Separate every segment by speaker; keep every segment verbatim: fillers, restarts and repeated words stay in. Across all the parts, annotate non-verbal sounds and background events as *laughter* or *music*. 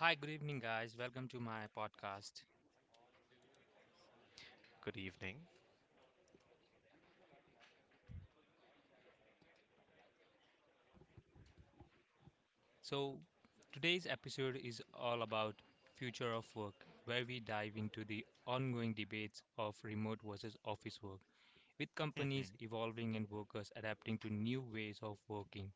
Speaker 1: Hi, good evening, guys. Welcome to my podcast.
Speaker 2: Good evening.
Speaker 1: So, today's episode is all about future of work, where we dive into the ongoing debates of remote versus office work, with
Speaker 2: *laughs*
Speaker 1: companies
Speaker 2: Mhm.
Speaker 1: evolving and workers adapting to new ways of working.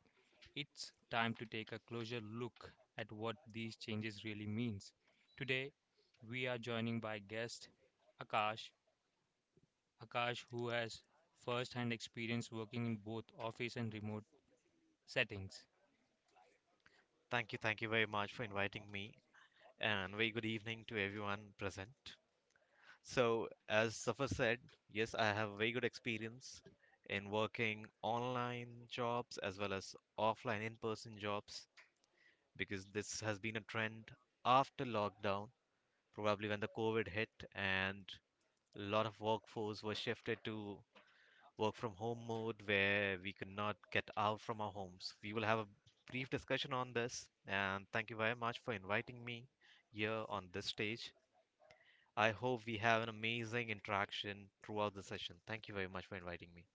Speaker 1: It's time to take a closer look at what these changes really means. Today, we are joining by guest Akash. Akash, who has first-hand experience working in both office and remote settings.
Speaker 2: Thank you, thank you very much for inviting me, and very good evening to everyone present. So, as Safar said, yes, I have very good experience in working online jobs as well as offline in-person jobs because this has been a trend after lockdown, probably when the COVID hit and a lot of workforce was shifted to work from home mode where we could not get out from our homes. We will have a brief discussion on this, and thank you very much for inviting me here on this stage. I hope we have an amazing interaction throughout the session. Thank you very much for inviting me.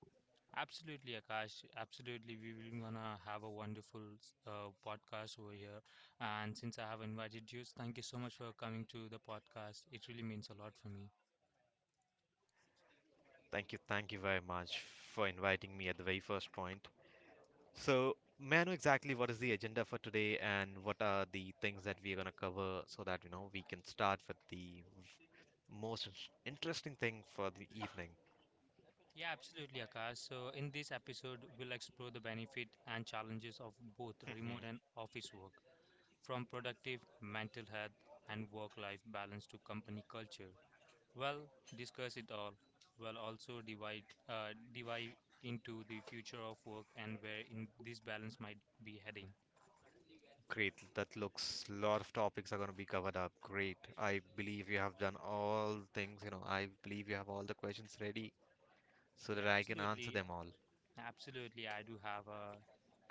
Speaker 1: Absolutely, Akash. Absolutely, we will gonna have a wonderful uh, podcast over here. And since I have invited you, thank you so much for coming to the podcast. It really means a lot for me.
Speaker 2: Thank you, thank you very much for inviting me at the very first point. So, may I know exactly what is the agenda for today and what are the things that we are going to cover so that you know we can start with the most interesting thing for the evening?
Speaker 1: Yeah, absolutely, Akash. So in this episode, we'll explore the benefit and challenges of both remote and
Speaker 2: *laughs*
Speaker 1: office work, from productive mental health and work-life balance to company culture. Well, discuss it all. Well, also divide uh, divide into the future of work and where in this balance might be heading.
Speaker 2: Great. That looks lot of topics are going to be covered up. Great. I believe you have done all things, you know, I believe you have all the questions ready so
Speaker 1: Yeah,
Speaker 2: that I can answer
Speaker 1: absolutely,
Speaker 2: them all.
Speaker 1: absolutely. I do have a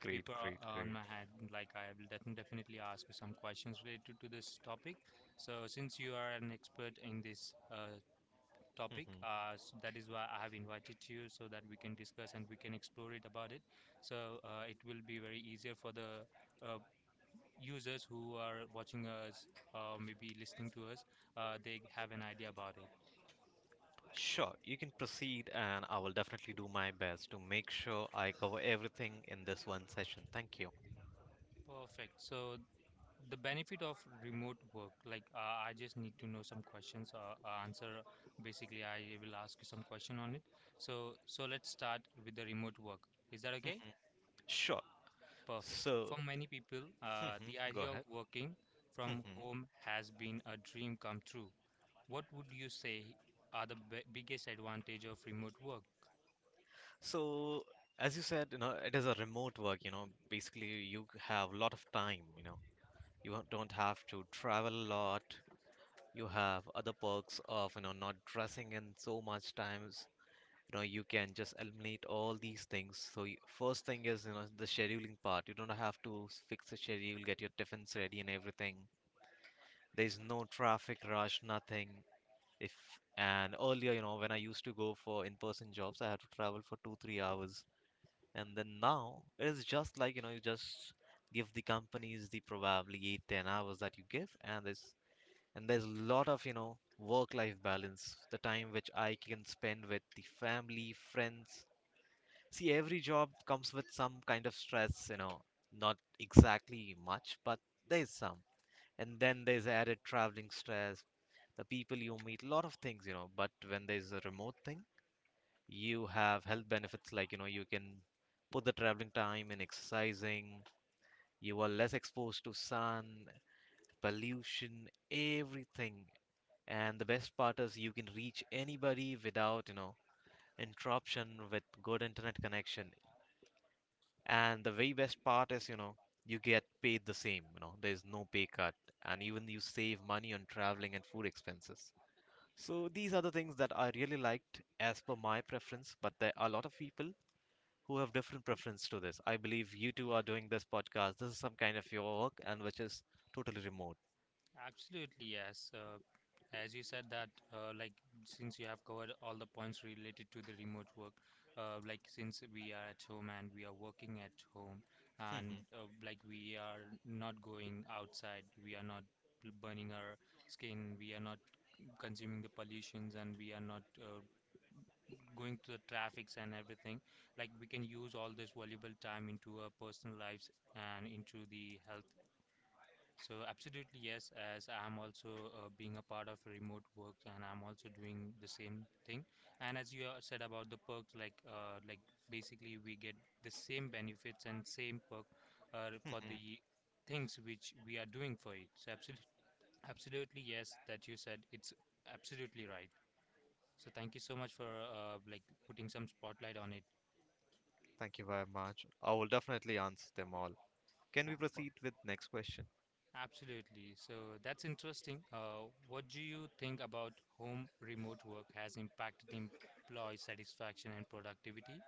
Speaker 2: Great,
Speaker 1: paper o-
Speaker 2: great,
Speaker 1: on
Speaker 2: great.
Speaker 1: my hand. Like I will defi- definitely ask you some questions related to this topic. So since you are an expert in this uh, topic,
Speaker 2: Hmm.
Speaker 1: uh, so that is why I have invited you so that we can discuss and we can explore it about it. So uh, it will be very easier for the uh, users who are watching us or maybe listening to us, uh, they have an idea about it.
Speaker 2: Sure, you can proceed, and I will definitely do my best to make sure I cover everything in this one session. Thank you.
Speaker 1: Perfect. So the benefit of remote work, like uh, I just need to know some questions or uh, answer. Basically, I will ask you some question on it. So so let's start with the remote work. Is that okay?
Speaker 2: Hmm. Sure.
Speaker 1: Perfect.
Speaker 2: So,
Speaker 1: For many people, uh, the
Speaker 2: hmm go
Speaker 1: idea of
Speaker 2: ahead.
Speaker 1: working from
Speaker 2: hmm
Speaker 1: home has been a dream come true. What would you say are the b biggest advantage of remote work?
Speaker 2: So, as you said, you know, it is a remote work, you know, basically you have a lot of time, you know, you don't have to travel a lot. You have other perks of, you know not dressing in so much times. You know you can just eliminate all these things. So first thing is, you know the scheduling part, you don't have to fix the schedule, get your tiffins ready and everything. There's no traffic rush, nothing. If and earlier, you know when I used to go for in-person jobs, I had to travel for two three hours. And then now it is just like, you know you just give the companies the probably eight ten hours that you give. And there's and there's a lot of, you know work life balance, the time which I can spend with the family friends. See, every job comes with some kind of stress you know not exactly much, but there's some, and then there's added traveling stress, the people you meet, a lot of things you know but when there's a remote thing, you have health benefits like, you know you can put the traveling time in exercising. You are less exposed to sun, pollution, everything. And the best part is, you can reach anybody without, you know, interruption with good internet connection. And the very best part is, you know, you get paid the same, you know, there's no pay cut. And even you save money on traveling and food expenses. So these are the things that I really liked as per my preference, but there are a lot of people who have different preference to this. I believe you two are doing this podcast. This is some kind of your work, and which is totally remote.
Speaker 1: Absolutely, yes. Uh, as you said that, uh, like since you have covered all the points related to the remote work, uh, like since we are at home and we are working at home, and uh, like we are not going outside, we are not burning our skin, we are not consuming the pollutions, and we are not uh, going to the traffics and everything. Like we can use all this valuable time into our personal lives and into the health, so absolutely yes, as I'm also uh, being a part of remote work and I'm also doing the same thing. And as you uh, said about the perks, like uh, like basically we get the same benefits and same perk uh, for the
Speaker 2: *laughs*
Speaker 1: things which we are doing for it. So absolutely, absolutely yes, that you said it's absolutely right. So thank you so much for uh, like putting some spotlight on it.
Speaker 2: Thank you very much. I will definitely answer them all. Can
Speaker 1: Yeah,
Speaker 2: we
Speaker 1: per-
Speaker 2: proceed with next question?
Speaker 1: Absolutely. So that's interesting. Uh, what do you think about home remote work has impacted employee satisfaction and productivity?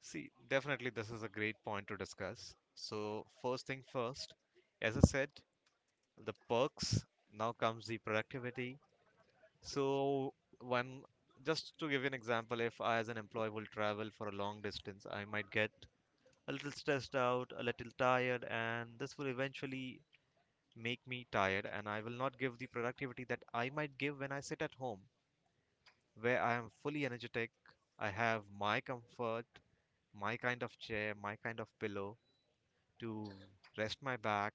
Speaker 2: See, definitely this is a great point to discuss. So first thing first, as I said, the perks, now comes the productivity. So one, just to give you an example, if I as an employee will travel for a long distance, I might get a little stressed out, a little tired, and this will eventually make me tired and I will not give the productivity that I might give when I sit at home, where I am fully energetic. I have my comfort, my kind of chair, my kind of pillow to rest my back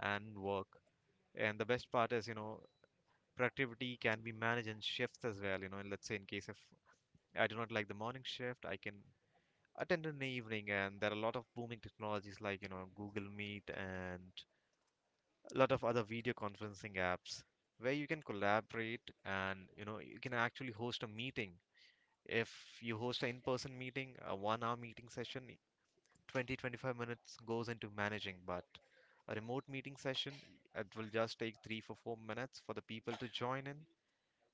Speaker 2: and work. And the best part is, you know, productivity can be managed in shifts as well. You know, let's say in case if I do not like the morning shift, I can attend in the evening. And there are a lot of booming technologies like, you know, Google Meet and a lot of other video conferencing apps where you can collaborate and, you know, you can actually host a meeting. If you host an in-person meeting, a one-hour meeting session, twenty twenty-five minutes goes into managing, but a remote meeting session, it will just take three for four minutes for the people to join in,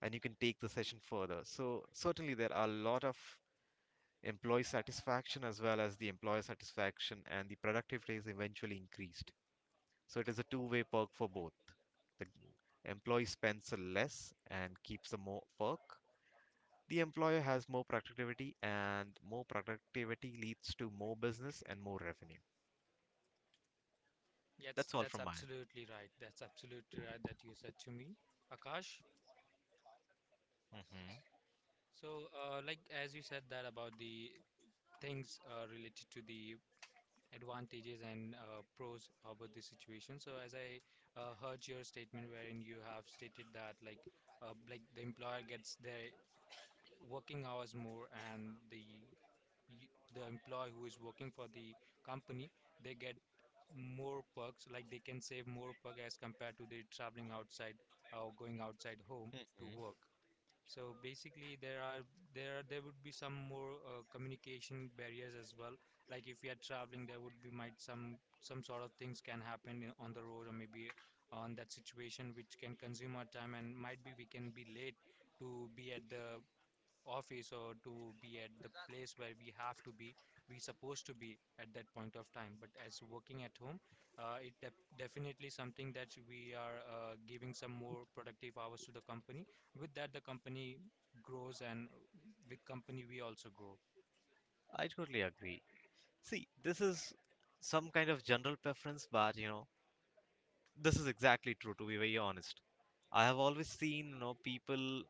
Speaker 2: and you can take the session further. So, certainly, there are a lot of employee satisfaction as well as the employer satisfaction, and the productivity is eventually increased. So, it is a two way perk for both. The employee spends less and keeps the more perk. The employer has more productivity, and more productivity leads to more business and more revenue.
Speaker 1: Yes,
Speaker 2: That's all
Speaker 1: that's
Speaker 2: from mine.
Speaker 1: absolutely right. That's absolutely right that you said to me, Akash. So, uh, like as you said that about the things uh, related to the advantages and uh, pros about the situation. So, as I uh, heard your statement wherein you have stated that like uh, like the employer gets their working hours more and the y- the employee who is working for the company, they get more perks, like they can save more perk as compared to the traveling outside or going outside home
Speaker 2: Mm,
Speaker 1: to work. So basically, there are there are there would be some more uh, communication barriers as well. Like if you are traveling, there would be might some some sort of things can happen in- on the road or maybe on that situation, which can consume our time and might be we can be late to be at the office or to be at the place where we have to be, we supposed to be at that point of time. But as working at home, uh, it def- definitely something that we are uh, giving some more productive hours to the company. With that, the company grows, and with company we also grow.
Speaker 2: I totally agree. See, this is some kind of general preference, but you know, this is exactly true, to be very honest. I have always seen, you know, people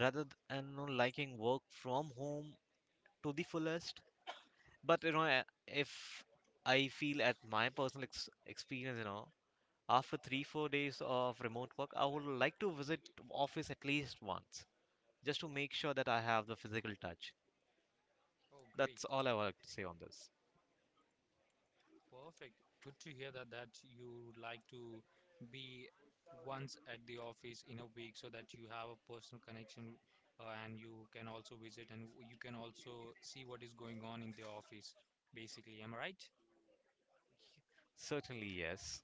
Speaker 2: rather than you know, liking work from home to the fullest. But you know, a- if I feel at my personal ex experience, you know, after three, four days of remote work, I would like to visit office at least once, just to make sure that I have the physical touch.
Speaker 1: Oh, great.
Speaker 2: That's all I would like to say on this.
Speaker 1: Perfect. Good to hear that that you would like to be once at the office in a week so that you have a personal connection uh, and you can also visit and w- you can also see what is going on in the office, basically. Am I right?
Speaker 2: Certainly, yes.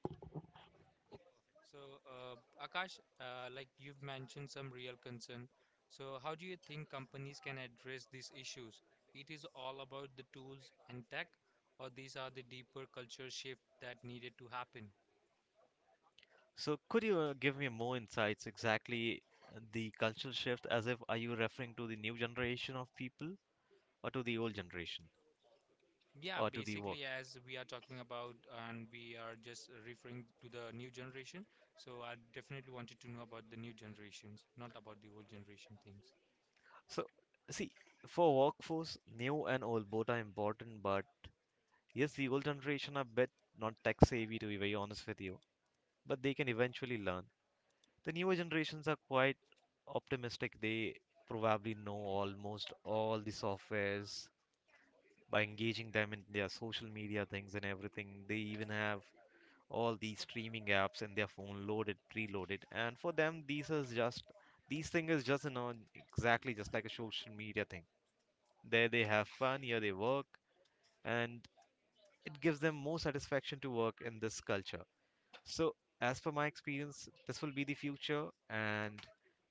Speaker 1: So, uh, Akash, uh, like you've mentioned some real concern. So, how do you think companies can address these issues? It is all about the tools and tech, or these are the deeper culture shift that needed to happen?
Speaker 2: So could you uh, give me more insights, exactly, uh, the cultural shift. As if, are you referring to the new generation of people or to the old generation
Speaker 1: Yeah,
Speaker 2: or to the work?
Speaker 1: basically, as we are talking about and we are just referring to the new generation, so I definitely wanted to know about the new generations, not about the old generation things.
Speaker 2: So see, for workforce, new and old both are important, but yes, the old generation are bit not tech savvy, to be very honest with you, but they can eventually learn. The newer generations are quite optimistic. They probably know almost all the softwares by engaging them in their social media things and everything. They even have all these streaming apps in their phone loaded, preloaded, and for them these is just these thing is just, you know exactly just like a social media thing. There they have fun, here they work, and it gives them more satisfaction to work in this culture. So as per my experience, this will be the future, and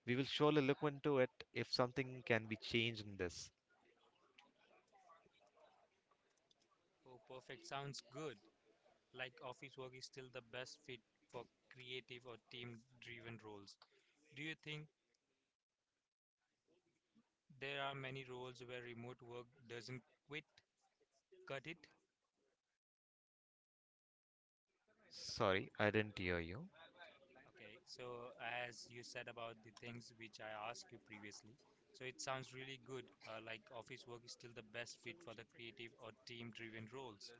Speaker 2: we will surely look into it if something can be changed in this.
Speaker 1: Oh, perfect. Sounds good. Like office work is still the best fit for creative or team-driven roles. Do you think there are many roles where remote work doesn't quit, cut it?
Speaker 2: Sorry, I didn't hear you.
Speaker 1: Okay, so as you said about the things which I asked you previously, so it sounds really good. Uh, like office work is still the best fit for the creative or team-driven roles.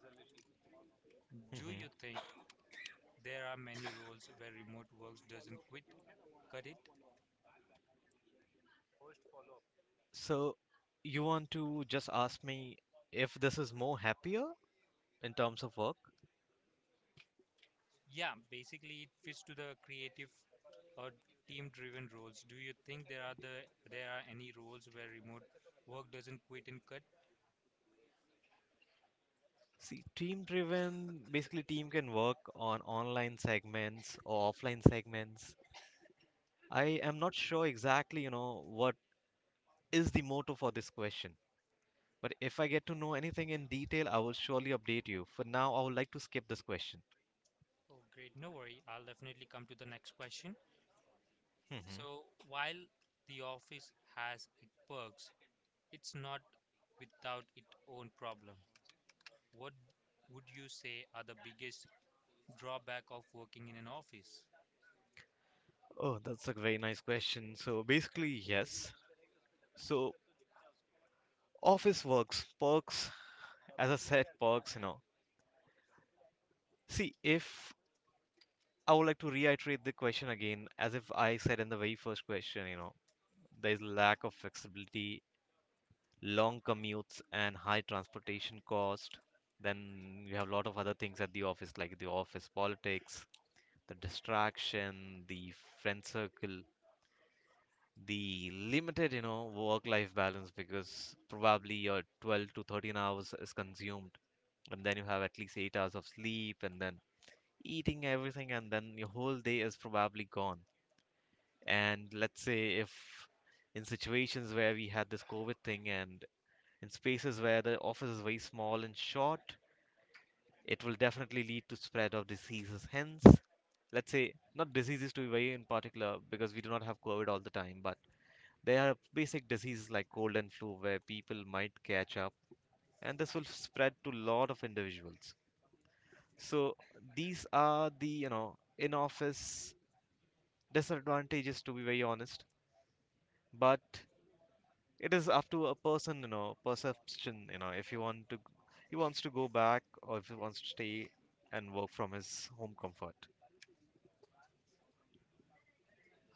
Speaker 1: Do
Speaker 2: hmm
Speaker 1: you think there are many roles where remote work doesn't quit, cut it?
Speaker 2: so you want to just ask me if this is more happier in terms of work.
Speaker 1: Yeah, basically it fits to the creative or team-driven roles. Do you think there are the there are any roles where remote work doesn't quit and cut?
Speaker 2: See, team driven, basically team can work on online segments or offline segments. I am not sure exactly, you know, what is the motto for this question. But if I get to know anything in detail, I will surely update you. For now, I would like to skip this question.
Speaker 1: Oh, great. No worry. I'll definitely come to the next question.
Speaker 2: hmm
Speaker 1: So while the office has its perks, it's not without its own problem. What would you say are the biggest drawback of working in an office?
Speaker 2: Oh, that's a very nice question. So basically, yes. So office works, perks, as I said, perks, you know. See, if I would like to reiterate the question again, as if I said in the very first question, you know there is lack of flexibility, long commutes, and high transportation cost. Then you have a lot of other things at the office, like the office politics, the distraction, the friend circle, the limited, you know, work-life balance because probably your twelve to thirteen hours is consumed, and then you have at least eight hours of sleep, and then eating everything, and then your whole day is probably gone. And let's say, if in situations where we had this COVID thing, and in spaces where the office is very small and short, it will definitely lead to spread of diseases. Hence, let's say not diseases, to be very in particular, because we do not have COVID all the time, but there are basic diseases like cold and flu where people might catch up, and this will spread to a lot of individuals. So these are the, you know in office disadvantages, to be very honest, but it is up to a person, you know perception, you know if he want to he wants to go back, or if he wants to stay and work from his home comfort.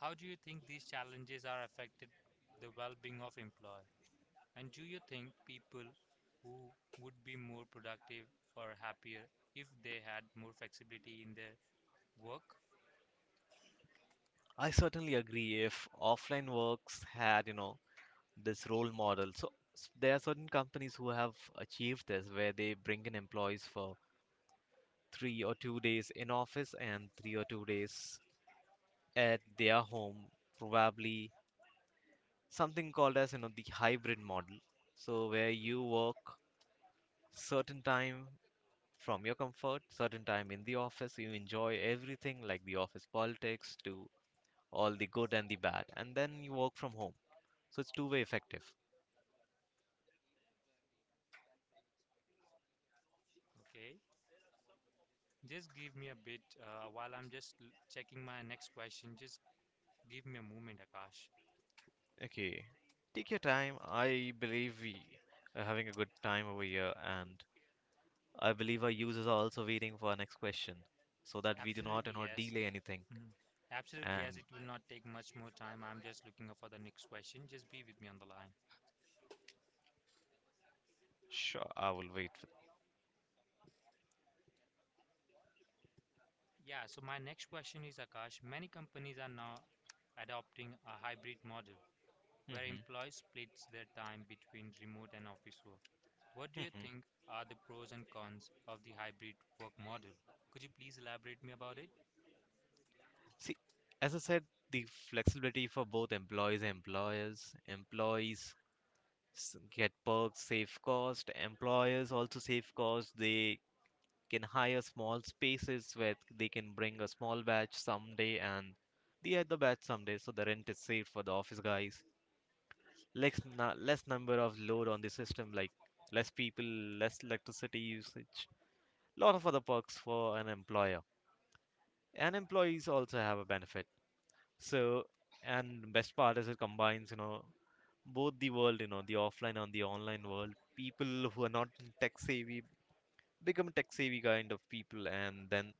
Speaker 1: How do you think these challenges are affected the well-being of employee? And do you think people who would be more productive or happier if they had more flexibility in their work?
Speaker 2: I certainly agree, if offline works had, you know this role model. So s- there are certain companies who have achieved this where they bring in employees for three or two days in office and three or two days at their home, probably something called as, you know the hybrid model. So where you work certain time from your comfort, certain time in the office, you enjoy everything like the office politics, to all the good and the bad, and then you work from home. So it's two-way effective.
Speaker 1: Okay, just give me a bit uh, while I'm just l- checking my next question. Just Give me a moment, Akash.
Speaker 2: Okay, take your time. I believe we are having a good time over here, and I believe our users are also waiting for our next question, so that we do not
Speaker 1: Absolutely,
Speaker 2: and not
Speaker 1: yes.
Speaker 2: delay anything.
Speaker 1: Mhm. Absolutely, yes.
Speaker 2: And
Speaker 1: It will not take much more time. I'm just looking for the next question. Just be with me on the line.
Speaker 2: sure, I will wait
Speaker 1: Yeah, so my next question is Akash. Many companies are now adopting a hybrid model
Speaker 2: for.
Speaker 1: where
Speaker 2: hmm
Speaker 1: employees splits their time between remote and office work. What do you
Speaker 2: hmm
Speaker 1: think are the pros and cons of the hybrid work model? Could you please elaborate me about it?
Speaker 2: See, as I said, the flexibility for both employees and employers, employees s- get perks, save cost. Employers also save cost. They can hire small spaces where they can bring a small batch someday and they had the other batch someday, so the rent is safe for the office guys. Less na- less number of load on the system, like less people, less electricity usage. Lot of other perks for an employer. And employees also have a benefit. So, and best part is it combines, you know, both the world, you know, the offline and the online world. People who are not tech savvy become tech savvy kind of people, and then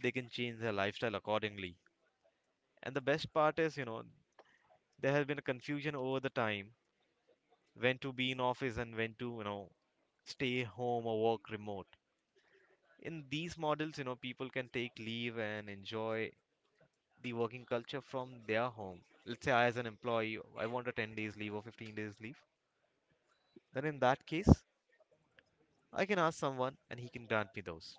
Speaker 2: they can change their lifestyle accordingly. And the best part is, you know, there has been a confusion over the time when to be in office and when to, you know, stay home or work remote. In these models, you know, people can take leave and enjoy the working culture from their home. Let's say I as an employee, I want a ten days leave or fifteen days leave. Then in that case, I can ask someone and he can grant me those.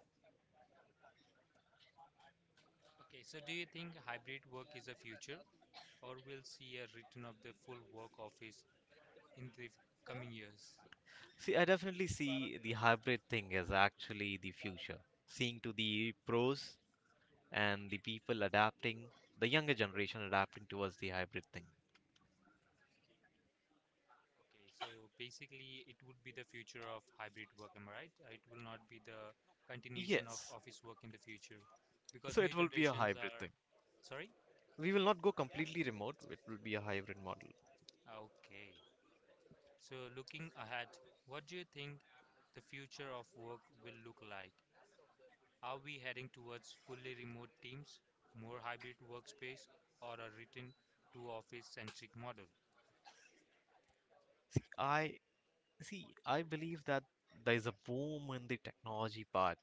Speaker 1: Okay, so do you think hybrid work is the future, or we'll see a return of the full work office in the coming years?
Speaker 2: See, I definitely see the hybrid thing as actually the future. Seeing to the pros and the people adapting, the younger generation adapting towards the hybrid thing.
Speaker 1: Okay, so basically it would be the future of hybrid work, am I right? Uh, it will not be the continuation of
Speaker 2: Yes.
Speaker 1: office work in the future because
Speaker 2: So
Speaker 1: new
Speaker 2: it will be a
Speaker 1: generations
Speaker 2: hybrid
Speaker 1: are.
Speaker 2: thing.
Speaker 1: Sorry?
Speaker 2: We will not go completely remote. It will be a hybrid model.
Speaker 1: Okay. So looking ahead, what do you think the future of work will look like? Are we heading towards fully remote teams, more hybrid workspace, or a return to office centric model?
Speaker 2: See, I see. I believe that there is a boom in the technology part,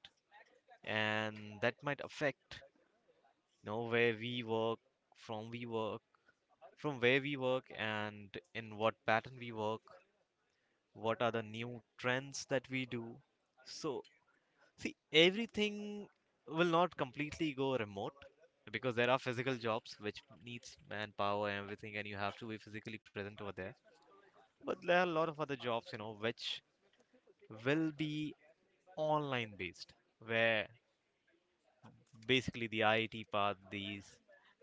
Speaker 2: and that might affect, you know, where we work, from we work, from where we work, and in what pattern we work. What are the new trends that we do? So see, everything will not completely go remote because there are physical jobs which needs manpower and everything and you have to be physically present over there. But there are a lot of other jobs, you know, which will be online based, where basically the I T part, these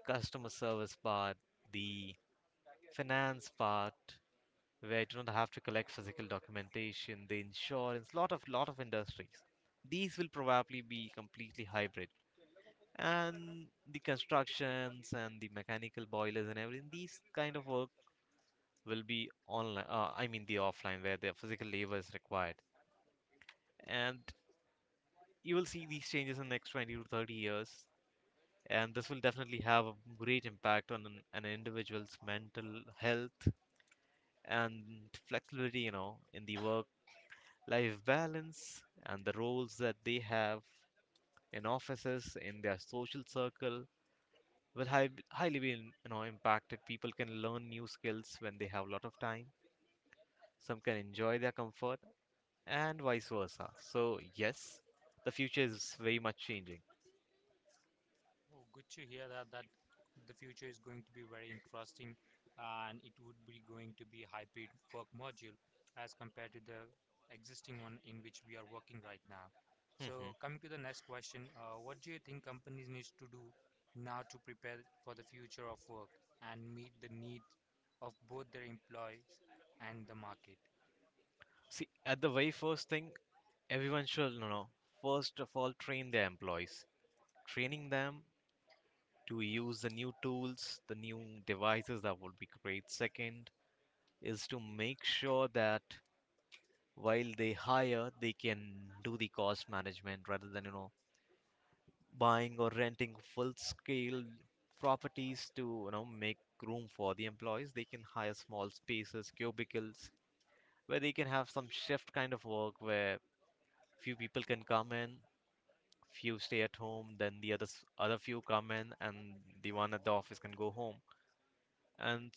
Speaker 2: customer service part, the finance part, where I do not have to collect physical documentation, the insurance, lot of lot of industries. These will probably be completely hybrid. And the constructions and the mechanical boilers and everything, these kind of work will be online. Uh, I mean the offline, where the physical labor is required. And you will see these changes in the next twenty to thirty years. And this will definitely have a great impact on an, an individual's mental health and flexibility, you know, in the work life balance, and the roles that they have in offices, in their social circle will hi- highly be in- you know, impacted. People can learn new skills when they have a lot of time. Some can enjoy their comfort and vice versa. So, yes, the future is very much changing.
Speaker 1: Oh, good to hear that that the future is going to be very interesting and it would be going to be hybrid work module as compared to the existing one in which we are working right now. So
Speaker 2: hmm
Speaker 1: coming to the next question, uh, what do you think companies need to do now to prepare for the future of work and meet the needs of both their employees and the market?
Speaker 2: See, at the very first thing, everyone should, you know, first of all train their employees. Training them to use the new tools, the new devices, that would be great. Second, is to make sure that while they hire, they can do the cost management rather than, you know, buying or renting full scale properties to, you know, make room for the employees. They can hire small spaces, cubicles, where they can have some shift kind of work where few people can come in, few stay at home, then the others, other few come in, and the one at the office can go home, and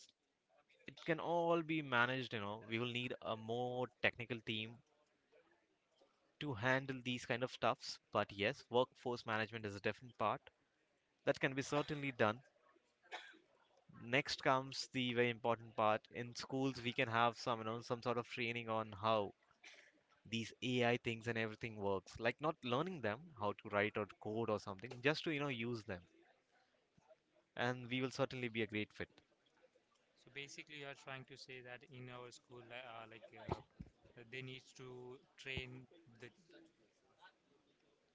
Speaker 2: it can all be managed. You know, we will need a more technical team to handle these kind of stuffs. But yes, workforce management is a different part that can be certainly done. Next comes the very important part. In schools, we can have some, you know, some sort of training on how these A I things and everything works. Like, not learning them how to write or code or something, just to, you know, use them. And we will certainly be a great fit.
Speaker 1: So basically, you are trying to say that in our school, li- uh, like uh, they need to train the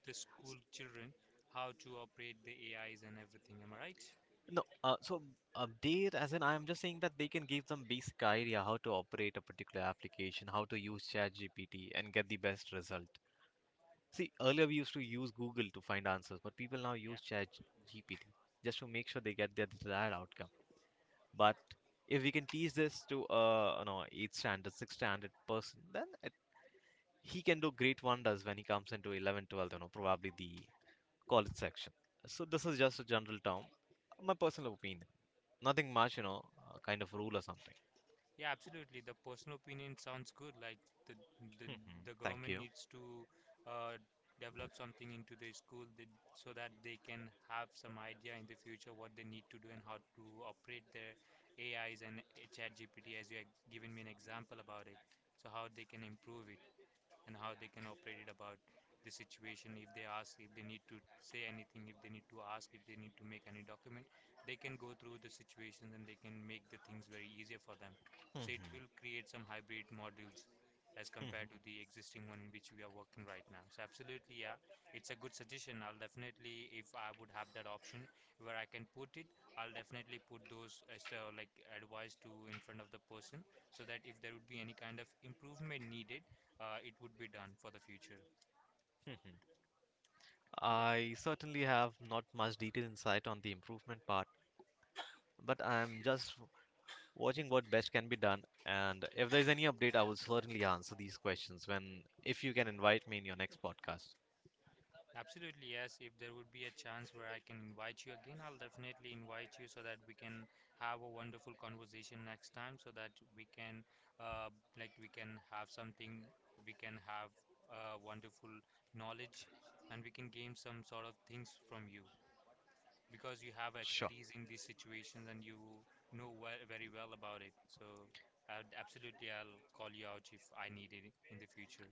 Speaker 1: the school children how to operate the A Is and everything. Am I right?
Speaker 2: No, uh, so update as in I am just saying that they can give some basic idea how to operate a particular application, how to use ChatGPT and get the best result. See, earlier we used to use Google to find answers, but people now
Speaker 1: Yeah.
Speaker 2: use Chat G P T just to make sure they get their desired outcome. But if we can teach this to a, you know, eighth standard, sixth standard person, then it, he can do great wonders when he comes into eleven, twelve, you know, probably the college section. So this is just a general term, my personal opinion. Nothing much, you know, uh, kind of rule or something.
Speaker 1: Yeah, absolutely. The personal opinion sounds good. Like the the
Speaker 2: hmm
Speaker 1: the
Speaker 2: Thank
Speaker 1: government
Speaker 2: you.
Speaker 1: needs to uh, develop something into the school, that so that they can have some idea in the future what they need to do and how to operate their A Is and uh, ChatGPT, as you have given me an example about it. So how they can improve it, and how they can operate it about the situation, if they ask, if they need to say anything, if they need to ask, if they need to make any document, they can go through the situations and they can make the things very easier for them.
Speaker 2: hmm
Speaker 1: So it will create some hybrid modules as compared
Speaker 2: hmm
Speaker 1: to the existing one in which we are working right now. So absolutely, yeah, it's a good suggestion. I'll definitely, if I would have that option where I can put it, I'll definitely put those as uh, like advice to in front of the person, so that if there would be any kind of improvement needed, uh, it would be done for the future.
Speaker 2: hmm
Speaker 1: Yeah,
Speaker 2: I certainly have not much detailed insight on the improvement part, but I'm just watching what best can be done. And if there's any update, I will certainly answer these questions when, if you can invite me in your next podcast.
Speaker 1: absolutely. Yes, if there would be a chance where I can invite you again, I'll definitely invite you so that we can have a wonderful conversation next time so that we can, uh, like, we can have something, we can have uh, wonderful knowledge and we can gain some sort of things from you because you have
Speaker 2: Sure,
Speaker 1: expertise in these situations and you know well, very well about it. So, I'd, absolutely, I'll call you out if I need it in the future.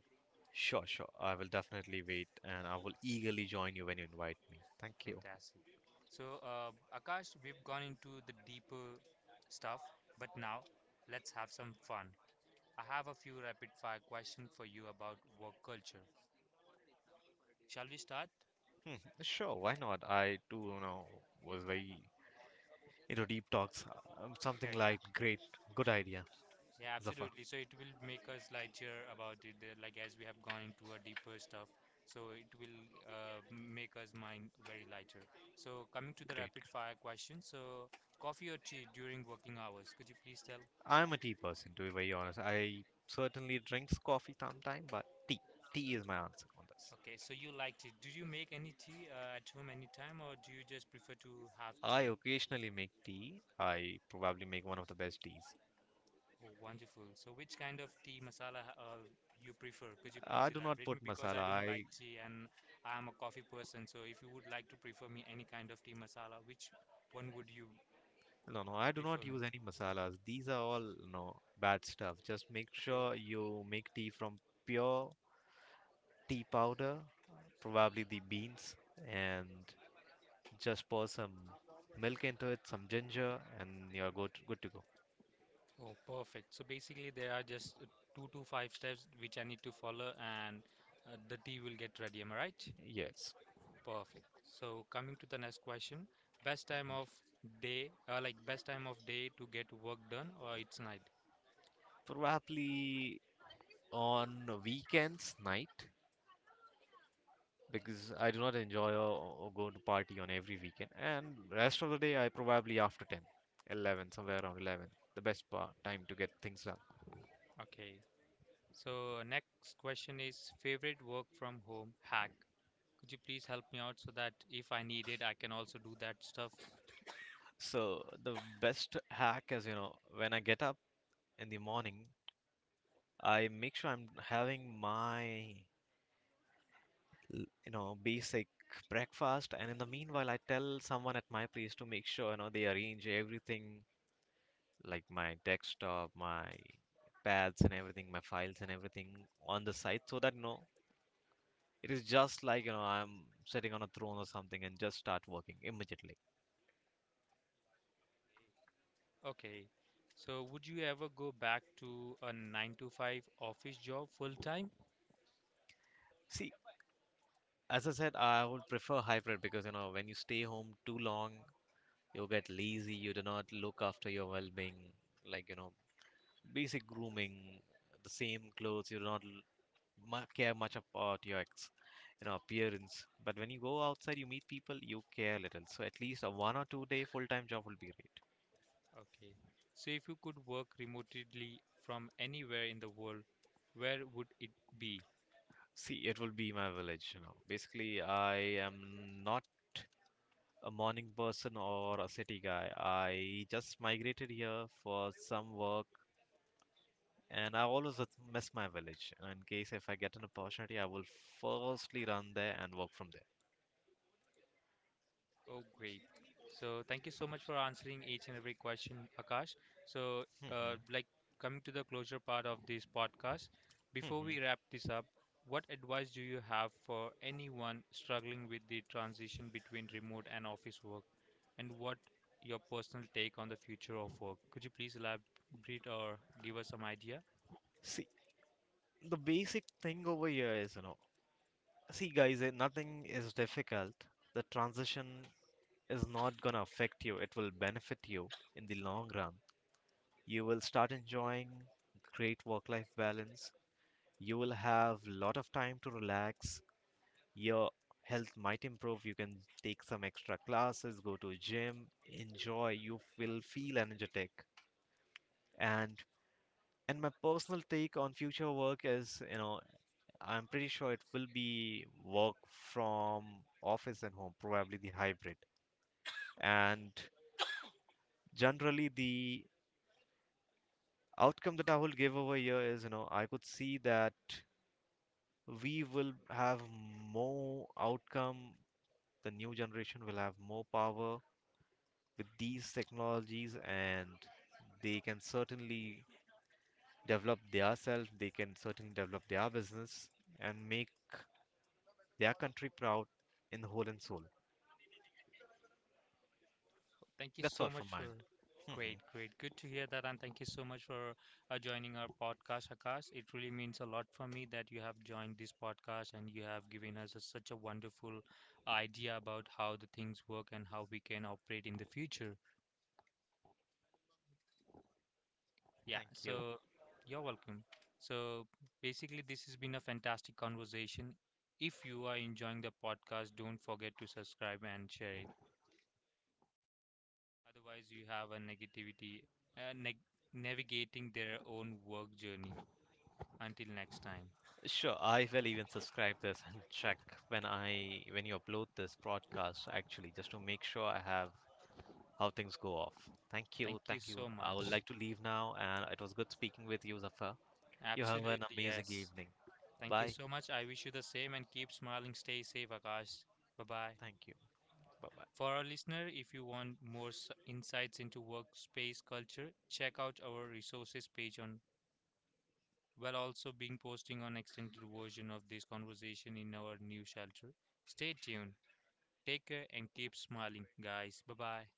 Speaker 2: sure, sure. I will definitely wait and I will eagerly join you when you invite me. Thank you.
Speaker 1: Fantastic. So, uh, Akash, we've gone into the deeper stuff, but now let's have some fun. I have a few rapid fire questions for you about work culture. Shall we start? *laughs*
Speaker 2: Hmm, sure, why not? I too, you know, was very into deep talks. Um,
Speaker 1: Yeah,
Speaker 2: something
Speaker 1: yeah,
Speaker 2: like great, good idea,
Speaker 1: yeah,
Speaker 2: Zafar.
Speaker 1: absolutely. So it will make us lighter about it, uh, like as we have gone into a deeper stuff. So it will uh, make us mind very lighter. So coming to the
Speaker 2: Great.
Speaker 1: rapid fire question. So coffee or tea during working hours? Could you please tell?
Speaker 2: I'm a tea person, to be very honest. I certainly drinks coffee sometime, but tea, tea is my answer on this.
Speaker 1: Okay, so you like tea. Do you make any tea uh, at home anytime, or do you just prefer to have
Speaker 2: I
Speaker 1: tea?
Speaker 2: occasionally make tea. I probably make one of the best teas.
Speaker 1: Oh, wonderful. So which kind of tea masala uh, you prefer? Could you please
Speaker 2: I do not
Speaker 1: elaborate me?
Speaker 2: put
Speaker 1: Because
Speaker 2: masala.
Speaker 1: I don't like
Speaker 2: I
Speaker 1: tea and I'm a coffee person. So if you would like to prefer me any kind of tea masala, which one would you
Speaker 2: no, no. I do
Speaker 1: prefer
Speaker 2: not
Speaker 1: me?
Speaker 2: use any masalas. These are all no bad stuff. Just make
Speaker 1: Okay.
Speaker 2: sure you make tea from pure tea powder, probably the beans, and just pour some milk into it, some ginger, and you're good good to go.
Speaker 1: Oh, perfect. So basically, there are just uh, two to five steps which I need to follow, and uh, the tea will get ready. Am I right?
Speaker 2: Yes,
Speaker 1: Perfect. So coming to the next question, best time of day, uh, like best time of day to get work done, or it's night.
Speaker 2: probably on weekends night. Because I do not enjoy or, or go to party on every weekend. And rest of the day, I probably after ten, eleven, somewhere around eleven, the best part, time to get things done.
Speaker 1: Okay. So next question is favorite work from home hack. Could you please help me out so that if I need it, I can also do that stuff?
Speaker 2: So the best hack is, you know, when I get up in the morning, I make sure I'm having my, l- you know, basic breakfast, and in the meanwhile, I tell someone at my place to make sure, you know, they arrange everything like my desktop, my pads and everything, my files and everything on the site so that, you know, it is just like, you know, I'm sitting on a throne or something and just start working immediately.
Speaker 1: Okay. So would you ever go back to a nine to five office job full time?
Speaker 2: See, as I said, I would prefer hybrid because, you know, when you stay home too long, you get lazy, you do not look after your well being, like, you know, basic grooming, the same clothes, you do not l- mu- care much about your ex, you know, appearance. But when you go outside, you meet people, you care a little. So at least a one or two day full time job will be great.
Speaker 1: Okay. So if you could work remotely from anywhere in the world, where would it be?
Speaker 2: See, it will be my village, you know. Basically, I am not a morning person or a city guy. I just migrated here for some work, and I always with- miss my village. In case if I get an opportunity, I will firstly run there and work from there.
Speaker 1: Oh, great. So thank you so much for answering each and every question, Akash. So, uh,
Speaker 2: hmm
Speaker 1: like coming to the closure part of this podcast, before
Speaker 2: hmm
Speaker 1: we wrap this up, what advice do you have for anyone struggling with the transition between remote and office work, and what your personal take on the future of work? Could you please elaborate or give us some idea?
Speaker 2: See, the basic thing over here is, you know, see guys, eh, nothing is difficult. The transition is not gonna affect you. It will benefit you in the long run. You will start enjoying great work-life balance. You will have lot of time to relax your health might improve. You can take some extra classes, go to gym, enjoy. You will feel energetic. And and my personal take on future work is, you know, I'm pretty sure it will be work from office and home, probably the hybrid. And generally the outcome that I will give over here is, you know, I could see that we will have more outcome. The new generation will have more power with these technologies, and they can certainly develop themselves, they can certainly develop their business and make their country proud in the whole and soul.
Speaker 1: Thank you
Speaker 2: That's
Speaker 1: so
Speaker 2: all
Speaker 1: much
Speaker 2: from
Speaker 1: for
Speaker 2: mine.
Speaker 1: great,
Speaker 2: Mhm.
Speaker 1: great. Good to hear that, and thank you so much for uh, joining our podcast, Akash. It really means a lot for me that you have joined this podcast and you have given us a, such a wonderful idea about how the things work and how we can operate in the future. Yeah,
Speaker 2: Thank you.
Speaker 1: so you're welcome. So basically, this has been a fantastic conversation. If you are enjoying the podcast, don't forget to subscribe and share it. Otherwise, you have a negativity uh, neg navigating their own work journey. Until next time,
Speaker 2: Sure, I will even subscribe this and check when I when you upload this broadcast actually just to make sure I have how things go off. Thank
Speaker 1: thank
Speaker 2: you,
Speaker 1: you
Speaker 2: thank you.
Speaker 1: so
Speaker 2: I would
Speaker 1: much.
Speaker 2: like to leave now, and it was good speaking with you, Zafar. You have an
Speaker 1: Absolutely,
Speaker 2: amazing
Speaker 1: yes.
Speaker 2: evening.
Speaker 1: Thank you
Speaker 2: Bye.
Speaker 1: so much. I wish you the same and keep smiling. Stay safe, Akash. Bye bye.
Speaker 2: Thank you. Bye bye.
Speaker 1: For our listener, if you want more s- insights into workspace culture, check out our resources page on. We'll also being posting on extended version of this conversation in our new shelter. Stay tuned. Take care and keep smiling, guys. Bye bye.